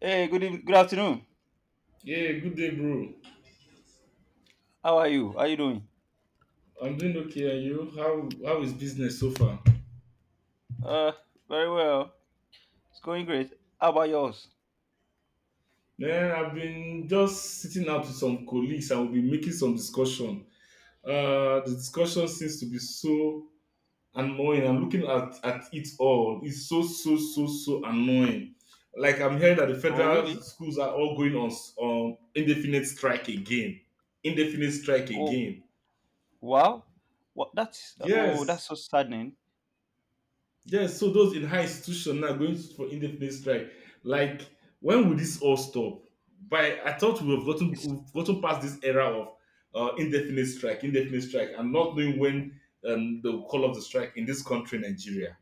Hey, good evening, good afternoon. Yeah, good day, bro. How are you? How you doing? I'm doing okay, and you? How is business so far? Uh, very well. It's going great. How about yours? Man, I've been just sitting out with some colleagues. I will be making some discussion. The discussion seems to be so annoying. I'm looking at it all. It's so so so so annoying. Like I'm hearing that the Oh, federal really? schools are all going on on indefinite strike again. Indefinite strike Oh, again. wow. What? That's oh, that's Yes, so saddening. yes, so those in high institution now going for indefinite strike. Like, when will this all stop? By I thought It's we've gotten past this era of indefinite strike, and not knowing when they call of the strike in this country, Nigeria.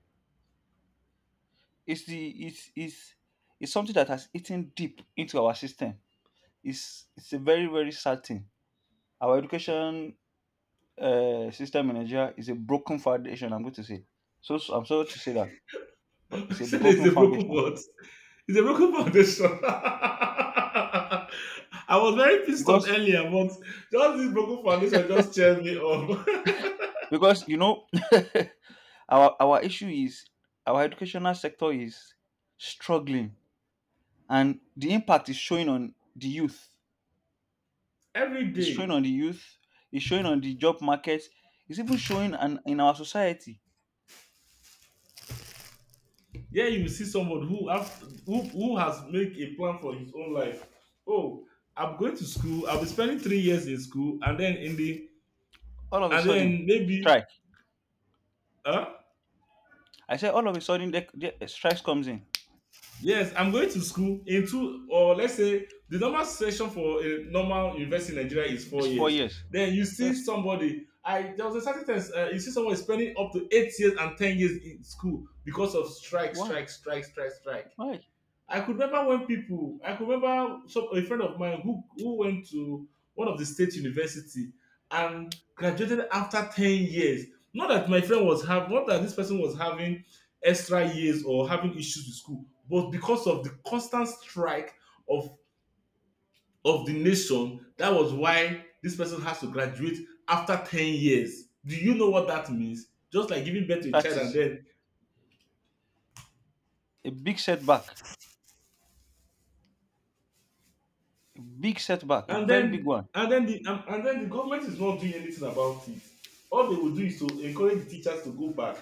it's it's something that has eaten deep into our system. It's a very sad thing. Our education system in Nigeria is a broken foundation, I'm going to say. So, I'm sorry to say that, but I it's a said it's broken a broken foundation world. It's a broken foundation. I was very pissed off because earlier, but just this broken foundation just cheered me up because. Our issue is our educational sector is struggling, and the impact is showing on the youth. every It's showing day. on the youth. It's showing on the job market. It's even showing an, in our society. Yeah, you will see someone who have, who has make a plan for his own life. Oh, I'm going to school. I'll be spending 3 years in school, and then in the All of a and sudden, then maybe, strike. uh I said all of a sudden, the strikes comes in. yes, I'm going to school in two, or let's say the normal session for a normal university in Nigeria is four It's four years. years. Then you see Yes. somebody. I There was a certain time, you see someone spending up to 8 years and 10 years in school because of strike, Why? strike, strike, strike, strike. Why? I could remember a friend of mine who went to one of the state university and graduated after 10 years. Not that my friend was having, Not that this person was having extra years or having issues with school, but because of the constant strike of, of the nation, that was why this person has to graduate after 10 years. Do you know what that means? Just like giving birth to a That child, is a big setback. A big setback. A very big one. And then the government is not doing anything about it. All they will do is to encourage the teachers to go back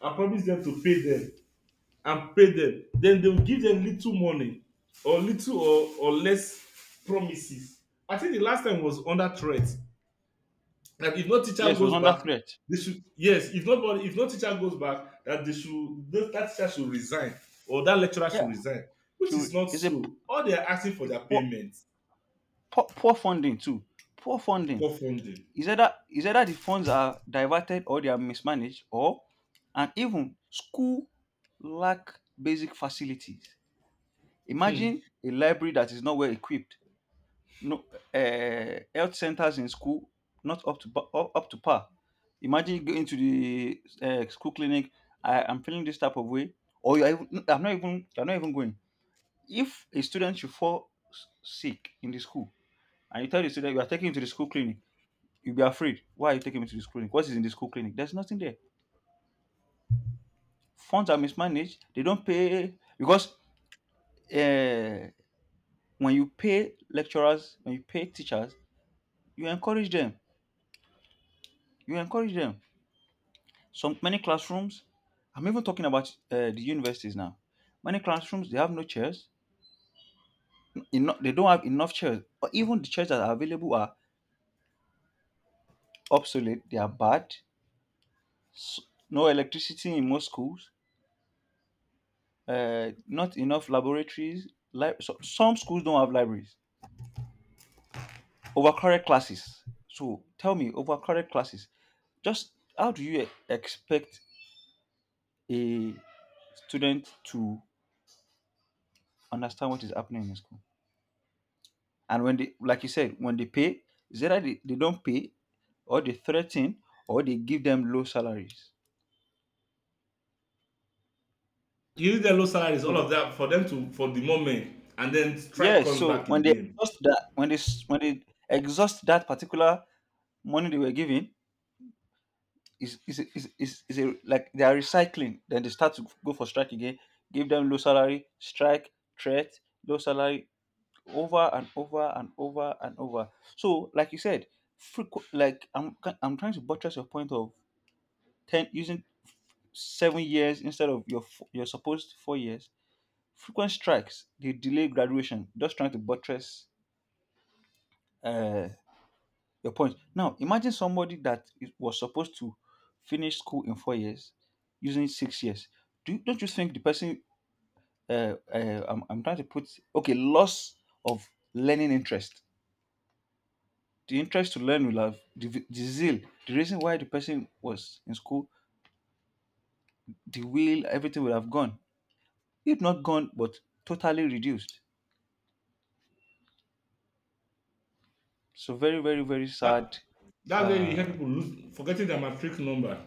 and promise them to pay them and pay them, then they will give them little money, or little or less promises. I think the last time was under threat that if no teacher Yes, it was goes under back, threat. they should, yes, if no teacher goes back, that that teacher should resign or that lecturer Yeah. should resign, which is Should, not it's a p- so. All they are asking for It's their poor, payment, poor, poor funding too. Poor funding. for funding. It's either the funds are diverted or they are mismanaged, or and even school lack basic facilities. Imagine a library that is not well equipped, no health centers in school not up to par. Imagine going to the school clinic. I am feeling this type of way, or you are even, I'm not even you're not even going. If a student should fall sick in the school, and you tell the student you are taking him to the school clinic, you'll be afraid. Why are you taking me to this clinic? What is in this school clinic? There's nothing there. Funds are mismanaged. They don't pay because uh, when you pay lecturers, when you pay teachers, you encourage them. You encourage them. Some many classrooms. I'm even talking about the universities now. Many classrooms they have no chairs. They don't have enough chairs. Or even the chairs that are available are obsolete. They are bad. S- no electricity in most schools. Not enough laboratories. So, some schools don't have libraries. Overcrowded classes. So tell me, overcrowded classes. Just how do you expect a student to understand what is happening in school? And when they, like you said, when they pay, is either they don't pay, or they threaten, or they give them low salaries. Give them low salaries, all So of that for them to, for the moment, and then strike yes, comes so back when they again. exhaust that, when they when they exhaust that particular money they were given, is, like they are recycling. Then they start to go for strike again. Give them low salary, strike, threat, low salary, over and over and over and over. So, like you said, like I'm trying to buttress your point of ten using 7 years instead of your your supposed 4 years. Frequent strikes, they delay graduation. Just trying to buttress uh, your point. Now, imagine somebody that is, was supposed to finish school in 4 years, using 6 years. Do you, don't you think the person? I'm trying to put okay loss of learning interest. The interest to learn will have the zeal, the reason why the person was in school, the will, everything will have gone. If not gone, but totally reduced. So very, very, very That sad. that's where you hear Uh, people lose, forgetting their matric number.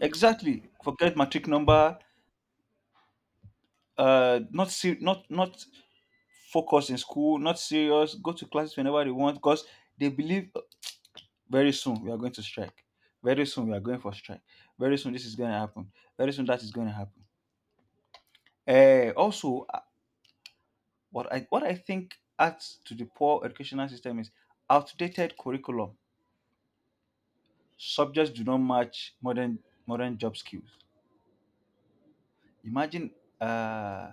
exactly. Forget matric number. Not focus in school, not serious, go to classes whenever they want because they believe very soon we are going to strike. Very soon we are going for strike. Very soon this is going to happen. Very soon that is going to happen. Also, what I what I think adds to the poor educational system is outdated curriculum. Subjects do not match modern job skills. Imagine uh,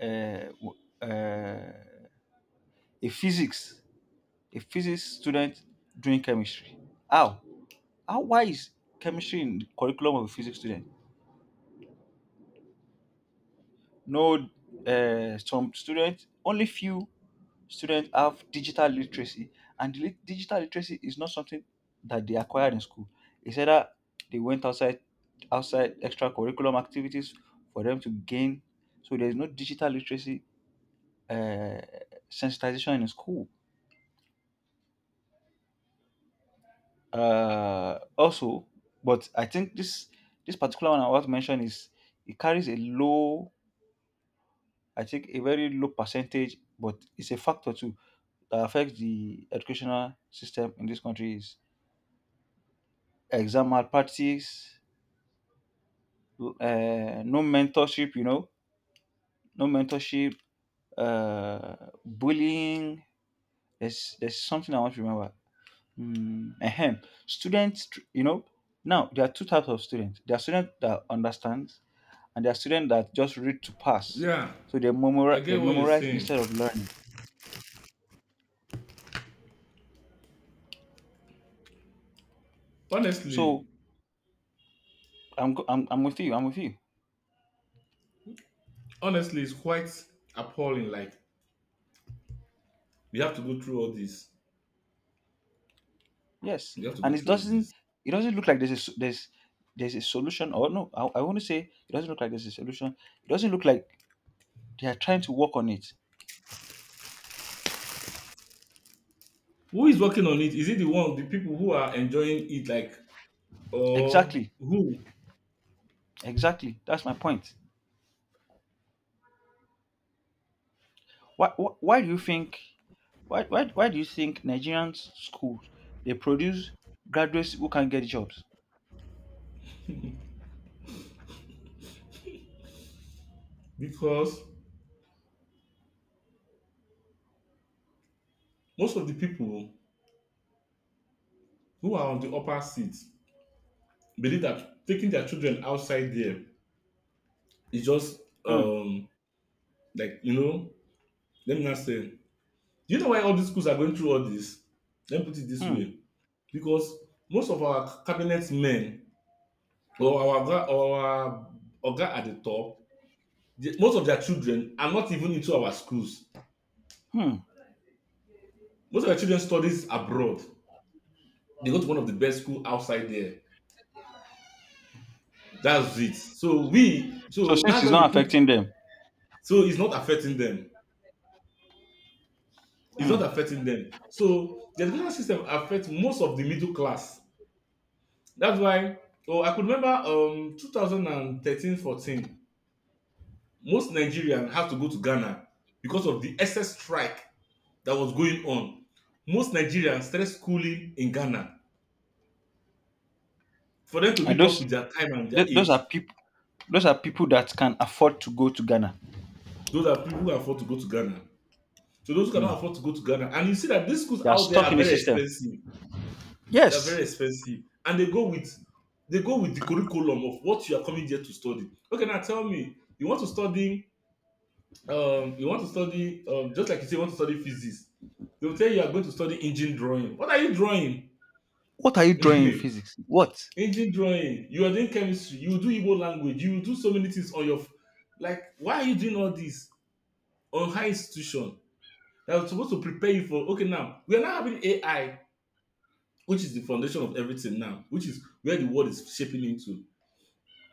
uh, w- uh, a physics student doing chemistry. How? Why is chemistry in the curriculum of a physics student? No, some students, only few students have digital literacy, and digital literacy is not something that they acquired in school. It's either they went outside, outside extra curriculum activities for them to gain. So there is no digital literacy uh, sensitization in school. Also, but I think this particular one I want to mention is it carries a low, I think a very low percentage, but it's a factor too that affects the educational system in this country is exam malpractice, no mentorship, you know, no mentorship, uh, bullying. There's something I want to remember. Ahem. Students, you know, now there are two types of students. There are students that understand, and there are students that just read to pass. Yeah, So I they get what you're memorize saying. instead of learning. Honestly, So I'm with you. I'm with you. It's quite appalling. Like, we have to go through all this. Yes, We have to and go it through all doesn't, this. it doesn't look like there's there's a solution, or no, I want to say it doesn't look like there's a solution. It doesn't look like they are trying to work on it. Who is working on it? Is it the people who are enjoying it, like, or Exactly, who? exactly. That's my point. Why do you think why do you think Nigerian schools they produce graduates who can get jobs? Because most of the people who are on the upper seat believe that taking their children outside there, it's just, Hmm, like, let me not say. Do you know why all these schools are going through all this? Let me put it this hmm, way. Because most of our cabinet men, or our oga at the top, most of their children are not even into our schools. hmm. Most of their children studies abroad. They go to one of the best school outside there. That's it. So So since that's it's why they not put, affecting them, so it's not affecting them. It's hmm, not affecting them. So the education system affects most of the middle class. That's why, oh, I could remember, 2013 14, most Nigerians had to go to Ghana because of the SS strike that was going on. Most Nigerians started schooling in Ghana for them to and meet up those with their time and their those are age. people, those are people that can afford to go to Ghana. Those are people who can afford to go to Ghana. So those who cannot Hmm. afford to go to Ghana, and you see that these schools They are out there stuck are in the very system. expensive. They're very Yes. expensive, and they go with the curriculum of what you are coming here to study. Okay, now tell me, you want to study, just like you say, you want to study physics. They will tell you you are going to study engine drawing. What are you drawing? What are you drawing in physics? What? Engine drawing. You are doing chemistry, you will do Igbo language, you will do so many things like, why are you doing all this on high institution that was supposed to prepare you for, okay, now we are now having AI, which is the foundation of everything now, which is where the world is shaping into.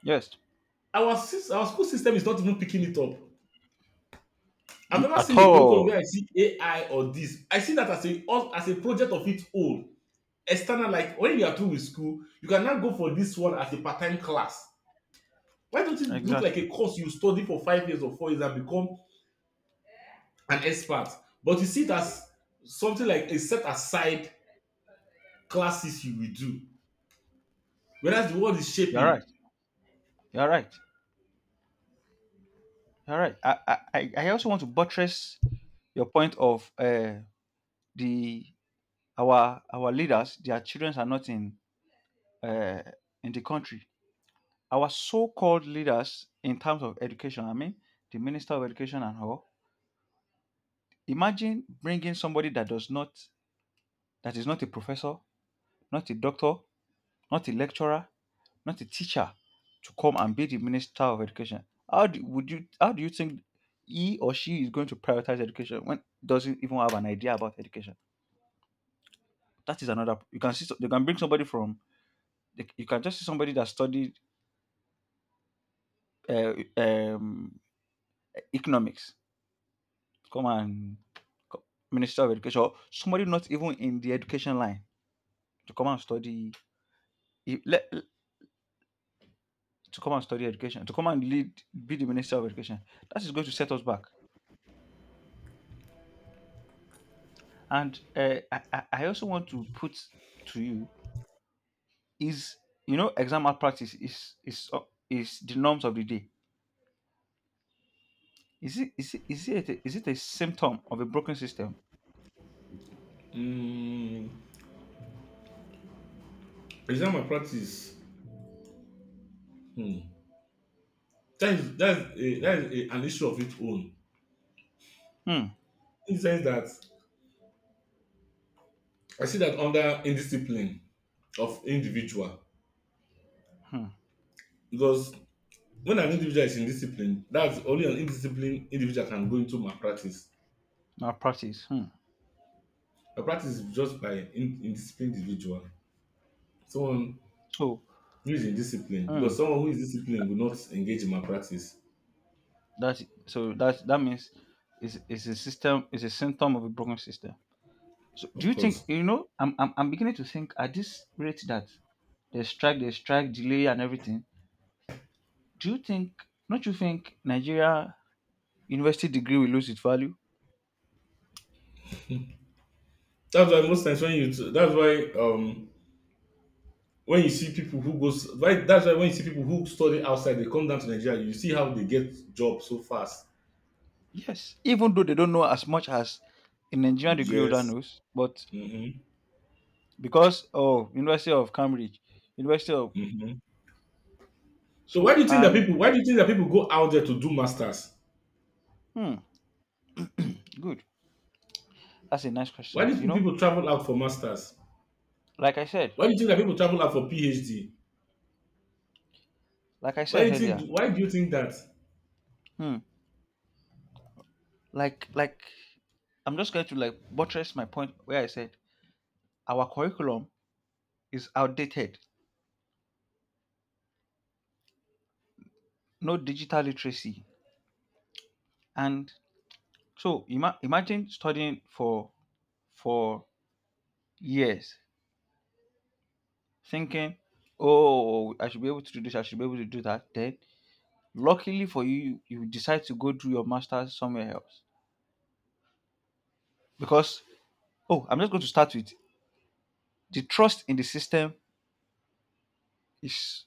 Yes. Our school system is not even picking it up. I've never At seen a curriculum where all. I see AI or this, I see that as a project of its own, external, like when you are through with school, you can now go for this one as a part-time class. Why don't it look like a Exactly. course you study for 5 years or 4 years and become an expert, but you see it as something like a set aside classes you will do, whereas the world is You're shaping. right. You're right. You're right. I also want to buttress your point of the our leaders, their children are not in uh, in the country. Our so-called leaders in terms of education, I mean, the minister of education and all. Imagine bringing somebody that does not, that is not a professor, not a doctor, not a lecturer, not a teacher to come and be the minister of education. How do, would you, how do you think he or she is going to prioritize education when doesn't even have an idea about education? That is another. You can see you can bring somebody from you can just see somebody that studied uh, um, economics to come and co- minister of education, or somebody not even in the education line to come and study e- le- to come and study education, to come and lead, be the minister of education. That is going to set us back. And I also want to put to you is you know exam malpractice is the norms of the day. Is it, is it a symptom of a broken system? Mm, exam and practice. Hmm, that is an issue of its own, Hmm. in the sense that I see that under indiscipline of individual. Hmm. Because when an individual is indisciplined, that's, only an indisciplined individual can go into my practice. Malpractice. Hmm. My practice is just by indisciplined individual. Someone So who is indisciplined, hmm. because someone who is disciplined will not engage in my practice. That so that that means is a system, is a symptom of a broken system. So do Of you think, course. you know? I'm beginning to think at this rate that the strike delay, and everything. Do you think? Don't you think Nigeria university degree will lose its value? That's why, when you see people who goes, why that's why when you see people who study outside, they come down to Nigeria, you see how they get jobs so fast. Yes, even though they don't know as much as a Nigerian degree holder Yes. knows, but Mm-hmm. because oh, University of Cambridge, University of Mm-hmm. So why so do you think that and people? Why do you think that people go out there to do masters? hmm, good. That's a nice Why question. You do know, people travel out for masters? like I said, Why do you think that people travel out for PhD? like I Why do said you think? earlier, Why do you think that? hmm, like I'm just going to like buttress my point where I said our curriculum is outdated, no digital literacy, and so imagine studying for years thinking, oh, I should be able to do this, I should be able to do that. Then, luckily for you, you decide to go do your master's somewhere else. Because, oh, I'm just going to start with the trust in the system is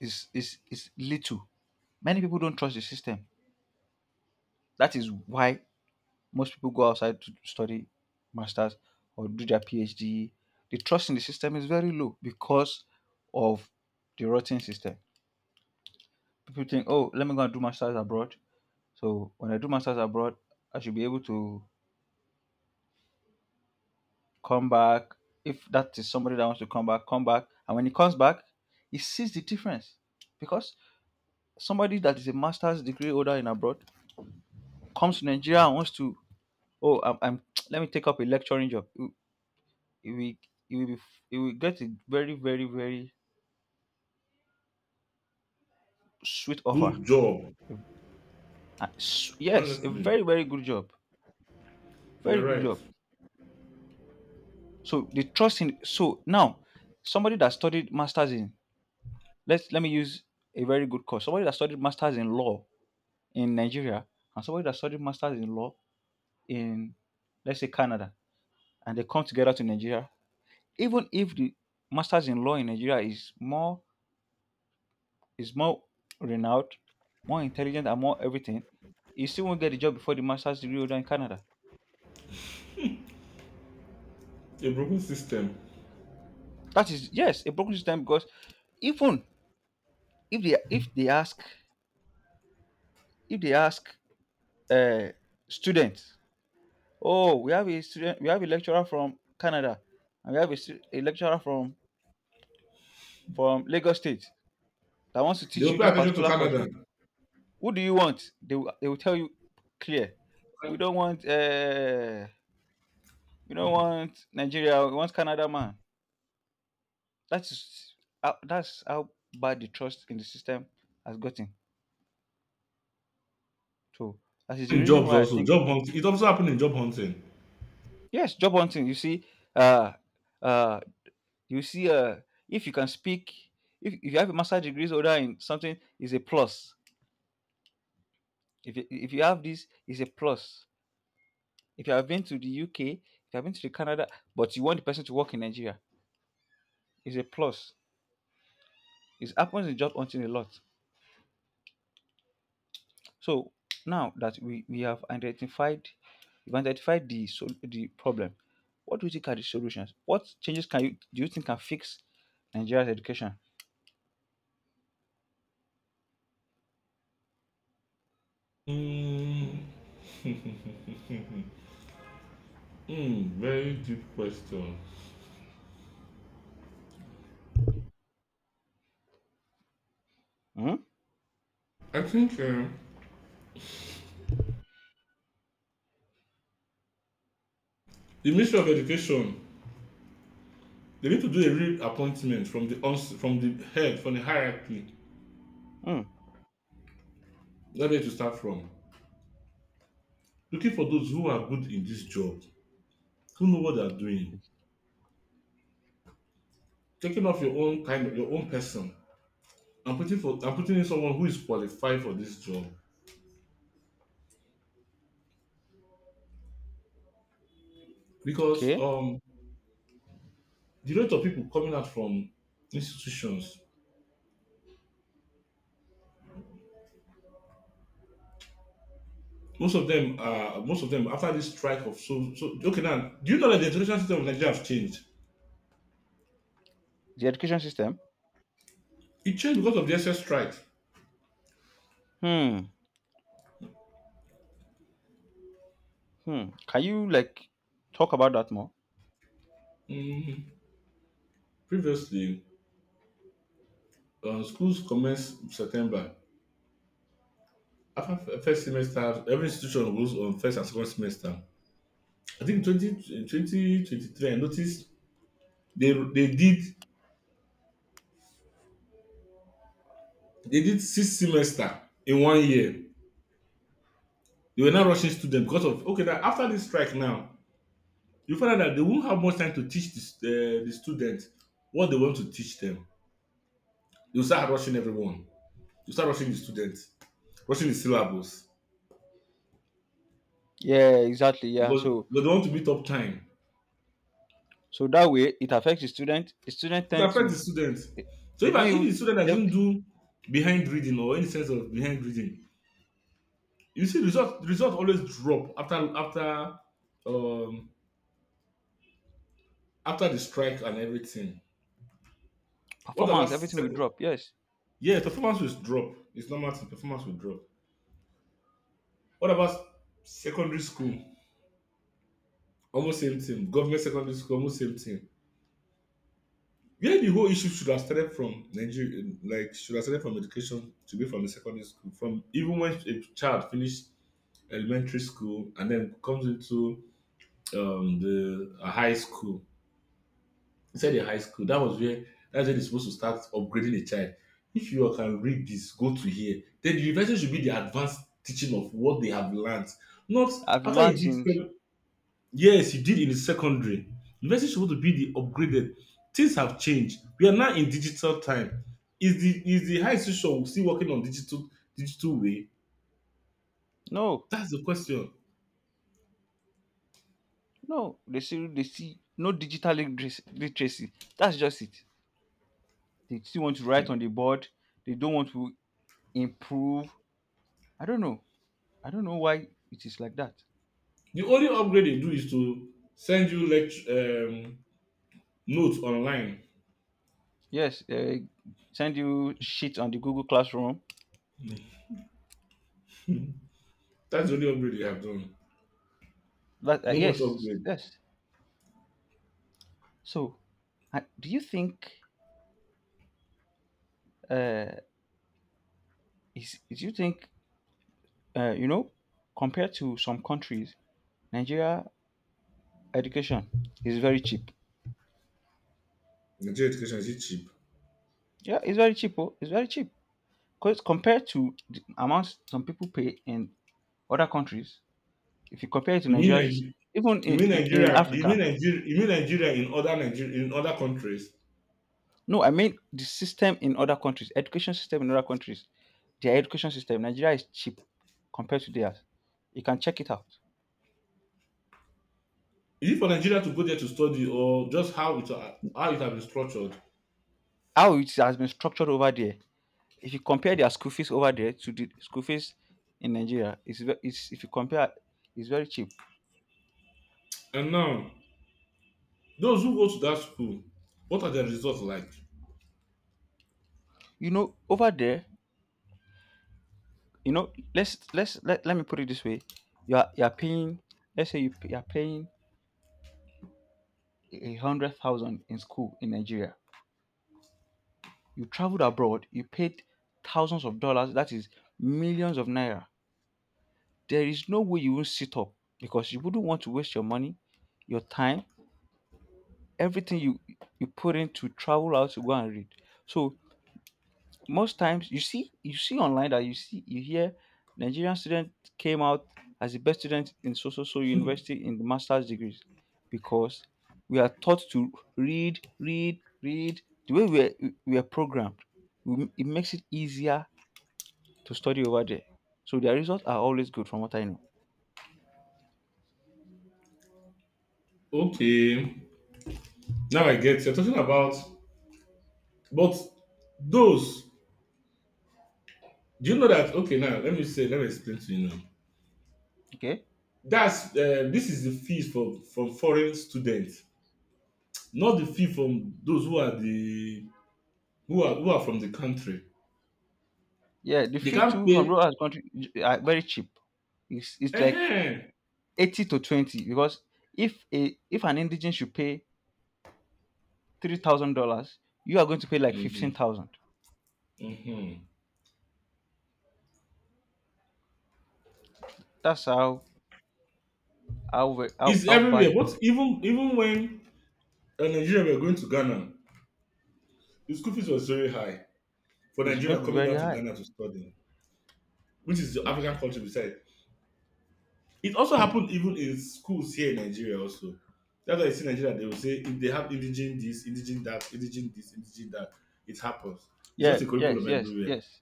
is little. Many people don't trust the system. That is why most people go outside to study masters or do their PhD. The trust in the system is very low because of the rotten system. People think, oh, let me go and do masters abroad. So when I do masters abroad, I should be able to come back. If that is somebody that wants to come back, come back. And when he comes back, he sees the difference. Because somebody that is a master's degree holder in abroad comes to Nigeria and wants to, oh, I'm let me take up a lecturing job. He he will, he will, be, he will get a very, very, very sweet offer. Good job. Yes, a Honestly, very, very good job. you are Very good right. job. So they trust in. So now, somebody that studied masters in, let's, let me use a very good course. Somebody that studied masters in law in Nigeria and somebody that studied masters in law in, let's say, Canada, and they come together to Nigeria, even if the masters in law in Nigeria is more renowned, more intelligent and more everything, he still won't get the job before the masters degree holder in Canada. A broken system. That is, yes, a broken system because even if they if they ask if they ask uh, students. Oh, we have a student, we have a lecturer from Canada, and we have a, a lecturer from Lagos State that wants to They teach will you pay this attention to particular course. Canada. Who do you want? They will tell you clear. We don't want uh we don't want Nigeria. We want Canada, man. That's that's how bad the trust in the system has gotten. So that is the In reason jobs why I also, think job hunting. It also happened in job hunting. yes, job hunting. You see, uh, uh, you see, if you can speak, if you have a master degree or that in something is a plus, if you have, this is a plus. If you have been to the UK, if you have been to the Canada, but you want the person to work in Nigeria, is a plus. It happens in job hunting a lot. So now that we have identified, we've identified the problem, what do you think are the solutions? What changes can you think can fix Nigeria's education? Mm, mm, very deep question. Hmm. I think, the Ministry of Education, they need to do a real appointment from the head, from the hierarchy. Hmm. That's where they to start from? Looking for those who are good in this job, who know what they are doing, taking off your own kind of your own person, and putting for and putting in someone who is qualified for this job, because Okay. The rate of people coming out from institutions, most of them, after this strike of, so, okay, now do you know that the education system of Nigeria has changed? The education system. It changed because of the S S strike. Hmm. Hmm. Can you like talk about that more? mm, Previously, schools commence September. After first semester, every institution goes on first and second semester. I think 20 twenty twenty three, I noticed they they did they did six semester in one year. They were now rushing students because of, okay, that after this strike now, you find out that they won't have much time to teach the students what they want to teach them. You start rushing everyone. You start rushing the students, rushing the syllabus, Yeah, exactly. Yeah. because So because they want to meet up time. so that way it affects the student. The student It tend affects the to, students. they, So they if, don't an- if the even student that their didn't do behind reading or any sense of behind reading, you see result always drop after um after the strike and everything. What about performance, everything sec- will drop. Yes. Yeah, performance will drop. It's normal thing. Performance will drop. What about secondary school? Almost same thing. Government secondary school, almost same thing. Where the whole issue should have started from Nigeria, like, should have started from education to be from the secondary school. From even when a child finished elementary school and then comes into, the a high school, inside the high school, that's where they're supposed to start upgrading the child. If you can read this, go to here. Then the university should be the advanced teaching of what they have learned. Not I've after you learned did in yes, you did in the secondary. University is supposed to be the upgraded. Things have changed. We are now in digital time. Is the high institution still working on digital way? no, That's the question. no, they see no digital literacy. Literacy. That's just it. They still want to write on the board, they don't want to improve. I don't know. I don't know why it is like that. The only upgrade they do is to send you lecture, notes online. Yes, send you shit on the Google Classroom. That's the only upgrade they have done. That No much yes, upgrade. yes. So, do you think, uh, is do you think, you know, compared to some countries, Nigeria education is very cheap. Nigeria education is it cheap? Yeah, it's very cheap. Oh, it's very cheap because compared to the amounts some people pay in other countries, if you compare it to You mean Nigeria's, even Nigeria? You in, mean in, in Nigeria? You mean Africa. Nigeria? You mean Nigeria in other countries? No, I mean the system in other countries, education system in other countries, their education system. Nigeria is cheap compared to theirs. You can check it out. Is it for Nigeria to go there to study, or just how it has been structured? How it has been structured over there. If you compare their school fees over there to the school fees in Nigeria, it's if you compare, it's very cheap. And now, those who go to that school, what are their results like? You know, over there, you know, let me put it this way: you are paying, let's say you are paying 100,000 in school in Nigeria. You traveled abroad, you paid thousands of dollars. That is millions of naira. There is no way you will sit up because you wouldn't want to waste your money, your time, everything you put in to travel out to go and read. So most times you see online that you hear Nigerian student came out as the best student in so so so university in the master's degrees because we are taught to read, read, read. The way we are programmed, it makes it easier to study over there, so their results are always good from what I know. Okay, now I get you're talking about, but those do you know that? Okay, now let me say, let me explain to you now. Okay. That's this is the fees for from foreign students, not the fee from those who are who are from the country. Yeah, the They fee can't too from pay. lower country are very cheap. It's like uh 80 to 20 because if a if an indigent should pay $3,000, you are going to pay like fifteen Mm-hmm. thousand. Mm-hmm. That's how how It's bad everywhere. it But even when Nigeria were going to Ghana, the school fees was very high for is going Nigeria to be coming very down to high. Ghana to study, which is the African Yes. country besides. It also happened even in schools here in Nigeria also. That's why you see Nigeria, they will say if they have indigenous this, indigenous that, indigenous this, indigenous that, it happens. It's Yeah. just a Yes. curriculum Yes. everywhere. Yes.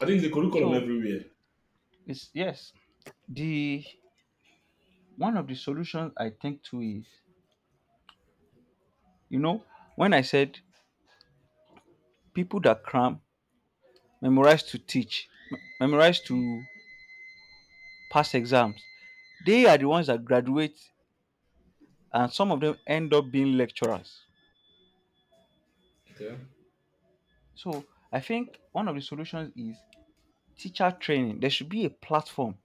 I think it's a curriculum So everywhere. it's yes. The one of the solutions I think to is, you know, when I said people that cram, memorize to teach, memorize to pass exams, they are the ones that graduate, and some of them end up being lecturers. Okay. So I think one of the solutions is teacher training. There should be a platform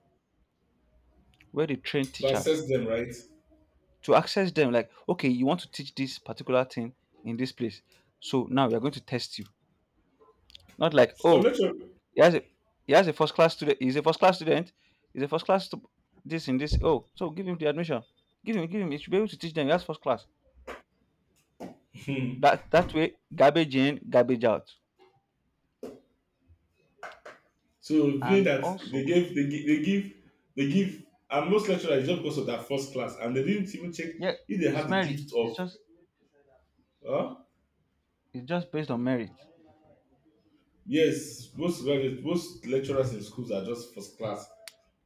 where they train To teachers assess them, right? to access them. Like, okay, you want to teach this particular thing in this place. So now we are going to test you. Not like, So oh, let your he has a he has a first class student, he's a first class student, he's a first class this in this. Oh, so give him the admission. Give him. He should be able to teach them. He has first class. That that way, garbage in, garbage out. So being And that they also, gave they, gi- they give they give and most lecturers just because of that first class and they didn't even check yeah, if they had it's the merit. gift It's of just, huh? it's just based on merit. Yes, most graduates, most lecturers in schools are just first class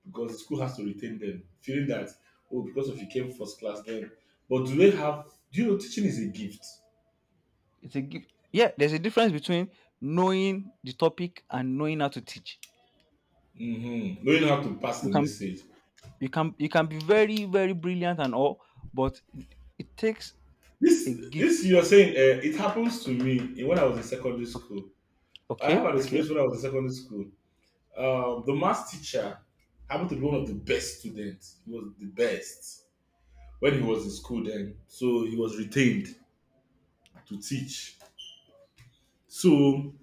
because the school has to retain them, feeling that oh because of you came first class then but do they have, do you know teaching is a gift? It's a gift. Yeah, there's a difference between knowing the topic and knowing how to teach. Mm-hmm. Knowing how to pass the You can, message. You can be very, very brilliant and all, but it takes this a this gift. you're saying it happens to me when I was in secondary O- school. I have Okay, an experience okay. when I was in secondary school. The math teacher happened to be one of the best students. He was the best when he was in school then. So he was retained to teach. So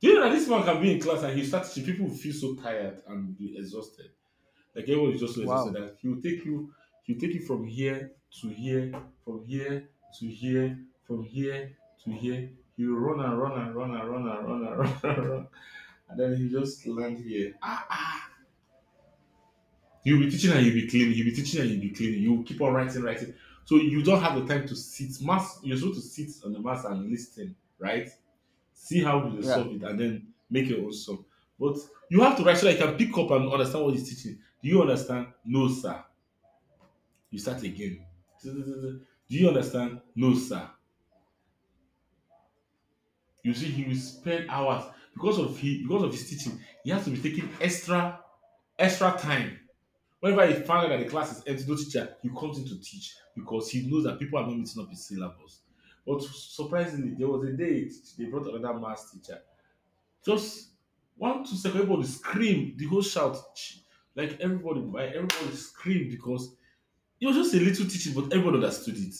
do you know that this man can be in class and he starts teaching, people will feel so tired and be exhausted. Like everyone is just so exhausted Wow. that he will take you from here to here, from here to here, from here to here. He will run and run and run and run and run and run and run. And then he just land here. Ah ah. You'll be teaching and you'll be cleaning. You'll be teaching and you'll be cleaning. You'll keep on writing, writing. So you don't have the time to sit. Mass, you're supposed to sit on the mass and listen, right? See how you Yeah. solve it and then make your own song. But you have to write so that you can pick up and understand what he's teaching. Do you understand? No, sir. You start again. Do you understand? No, sir. You see, he will spend hours because of his teaching. He has to be taking extra extra time. Whenever he found out that the class is empty, no teacher, he comes in to teach because he knows that people are not meeting up his syllabus. But surprisingly, there was a day they brought another maths teacher. Just one, two seconds, everybody screamed, the whole shout, ch- like everybody screamed because it was just a little teaching, but everyone understood it.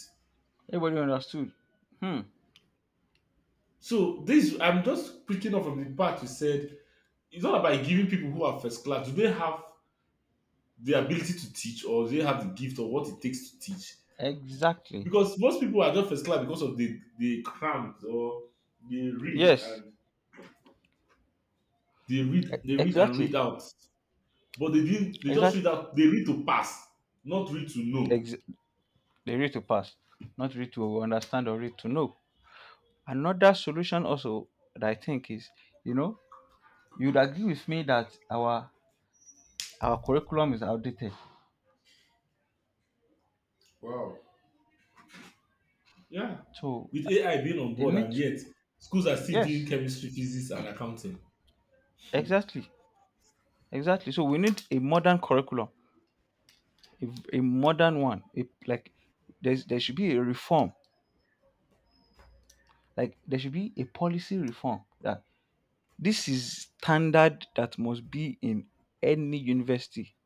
Everybody understood. Hmm. So this, I'm just picking up from the part you said. It's not about giving people who are first class. Do they have the ability to teach, or do they have the gift, or what it takes to teach? Exactly. Because most people are just first class because of the cramps or they read Yes. and they read and Exactly. read out but they didn't they just read Exactly. out, they read to pass, not read to know. Ex- they read to pass, not read to understand or read to know. Another solution also that I think is, you know, you'd agree with me that our curriculum is outdated. Wow. Yeah, So with ai being on they board need and to, yet schools are still doing yes, chemistry physics and accounting. exactly, exactly. So we need a modern curriculum, a, a modern one, a, like there's, there should be a reform. Like there should be a policy reform that this is standard that must be in any university.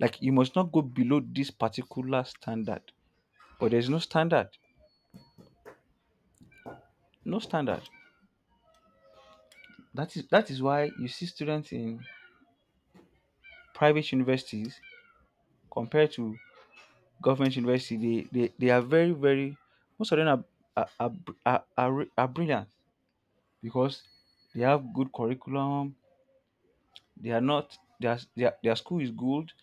Like you must not go below this particular standard, but there's no standard. No standard. That is that is why you see students in private universities compared to government university, they are very, very, most of them are, are, are brilliant because they have good curriculum. They are not, their school is good.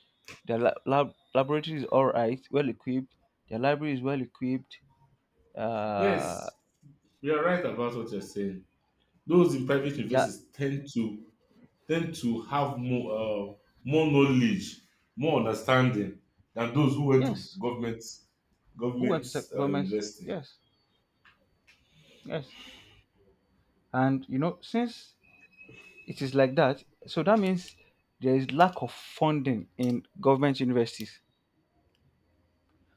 Their laboratory is all right, well equipped. Their library is well equipped. Uh, Yes, you are right about what you're saying, those in private yeah, universities tend to tend to have more more knowledge, more understanding than those who went to yes. Who went government to government? university. Yes, yes. And you know, since it is like that, so that means there is lack of funding in government universities.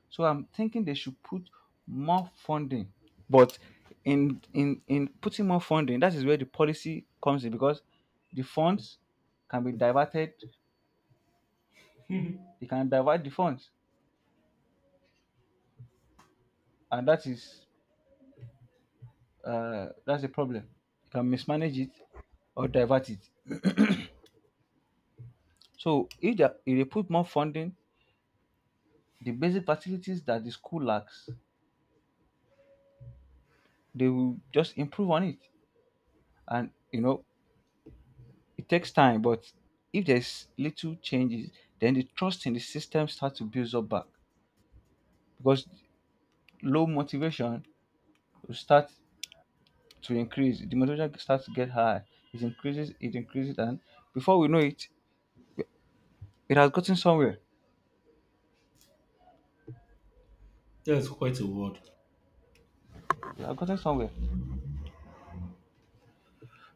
So I'm thinking they should put more funding. But in putting more funding, that is where the policy comes in because the funds can be diverted. They can divert the funds, and that is that's the problem. You can mismanage it or divert it. So if they put more funding, the basic facilities that the school lacks, they will just improve on it. And you know, it takes time, but if there's little changes, then the trust in the system starts to build up back because low motivation will start to increase. The motivation starts to get high. It increases, and before we know it, it has gotten somewhere. That's quite a word. It has gotten somewhere.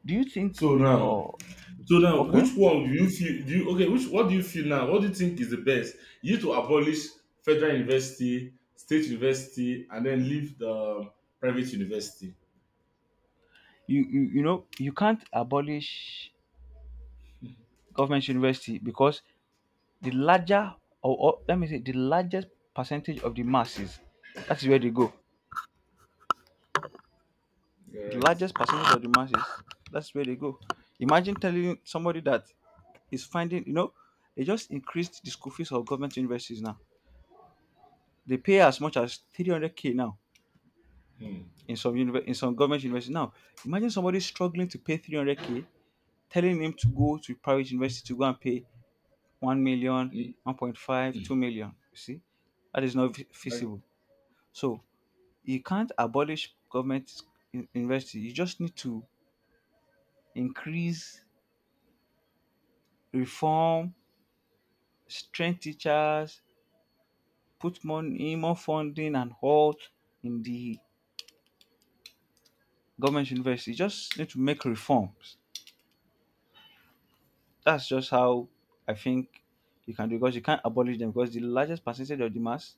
Do you think? So now, Oh, so now, okay. which one do you feel? Do you okay? Which what do you feel now? What do you think is the best? You to abolish federal university, state university, and then leave the private university. You know you can't abolish government university because the larger, or let me say the largest percentage of the masses, that's where they go. You're The right. largest percentage of the masses, that's where they go. Imagine telling somebody that is finding, you know, they just increased the school fees of government universities now. They pay as much as 300k now in some in some government universities now. Imagine somebody struggling to pay 300k, telling him to go to private university to go and pay 1 million, Hmm. 1.5, 2 million. You see that is not feasible. So you can't abolish government university. You just need to increase, reform, train teachers, put money, more funding and all in the government university. Just need to make reforms. That's just how I think you can do because you can't abolish them because the largest percentage of the mass,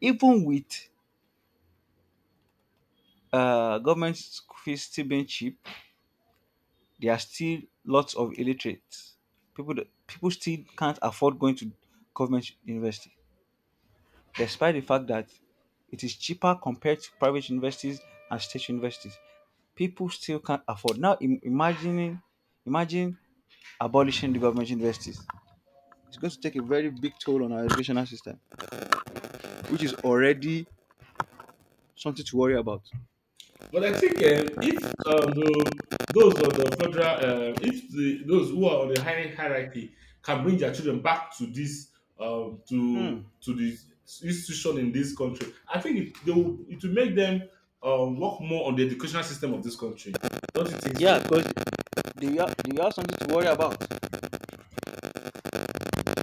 even with government school fees still being cheap, there are still lots of illiterates. People that- people still can't afford going to government university, despite the fact that it is cheaper compared to private universities and state universities, people still can't afford. Now, imagining, imagine abolishing the government universities. It's going to take a very big toll on our educational system, which is already something to worry about. But I think if those on the federal, if the, those who are on the high hierarchy can bring their children back to this, to Hmm. The institution in this country, I think it will make them work more on the educational system of this country. Don't you think Yeah, so? because they have something to worry about.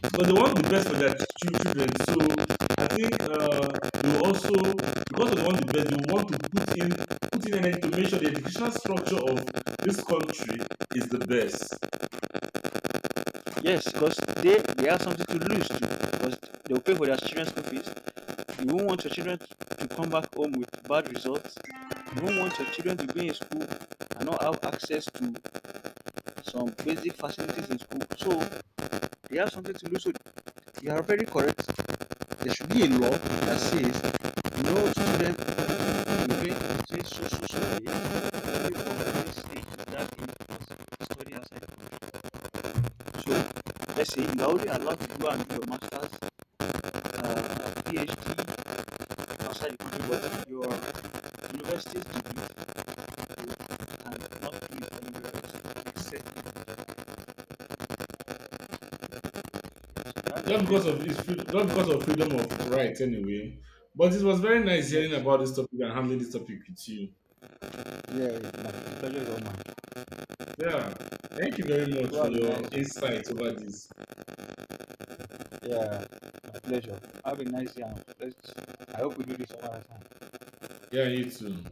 Because they want the best for their ch- children. So I think they will also, because of they want the best, they will want to put in energy to make sure the educational structure of this country is the best. Yes, because they have something to lose too, because they will pay for their children's school fees. You won't want your children to come back home with bad results. You won't want your children to be in school and not have access to some basic facilities in school. So they have something to lose. So you are very correct. There should be a law that says no student between so so so day stage that age study outside. So let's say you are only allowed to go and do your masters, PhD outside the country, but your university degree and not do it else except yes. That's Just very because of his freedom, valuable. just because of freedom of right anyway. But it was very nice hearing Yes. about this topic and handling this topic with you. Yeah, my pleasure is all mine. Yeah. Thank you very much You for have a your nice day. insight over this. Yeah, my pleasure. Have a nice day. And Let's. I hope we do this another time. Yeah, you too.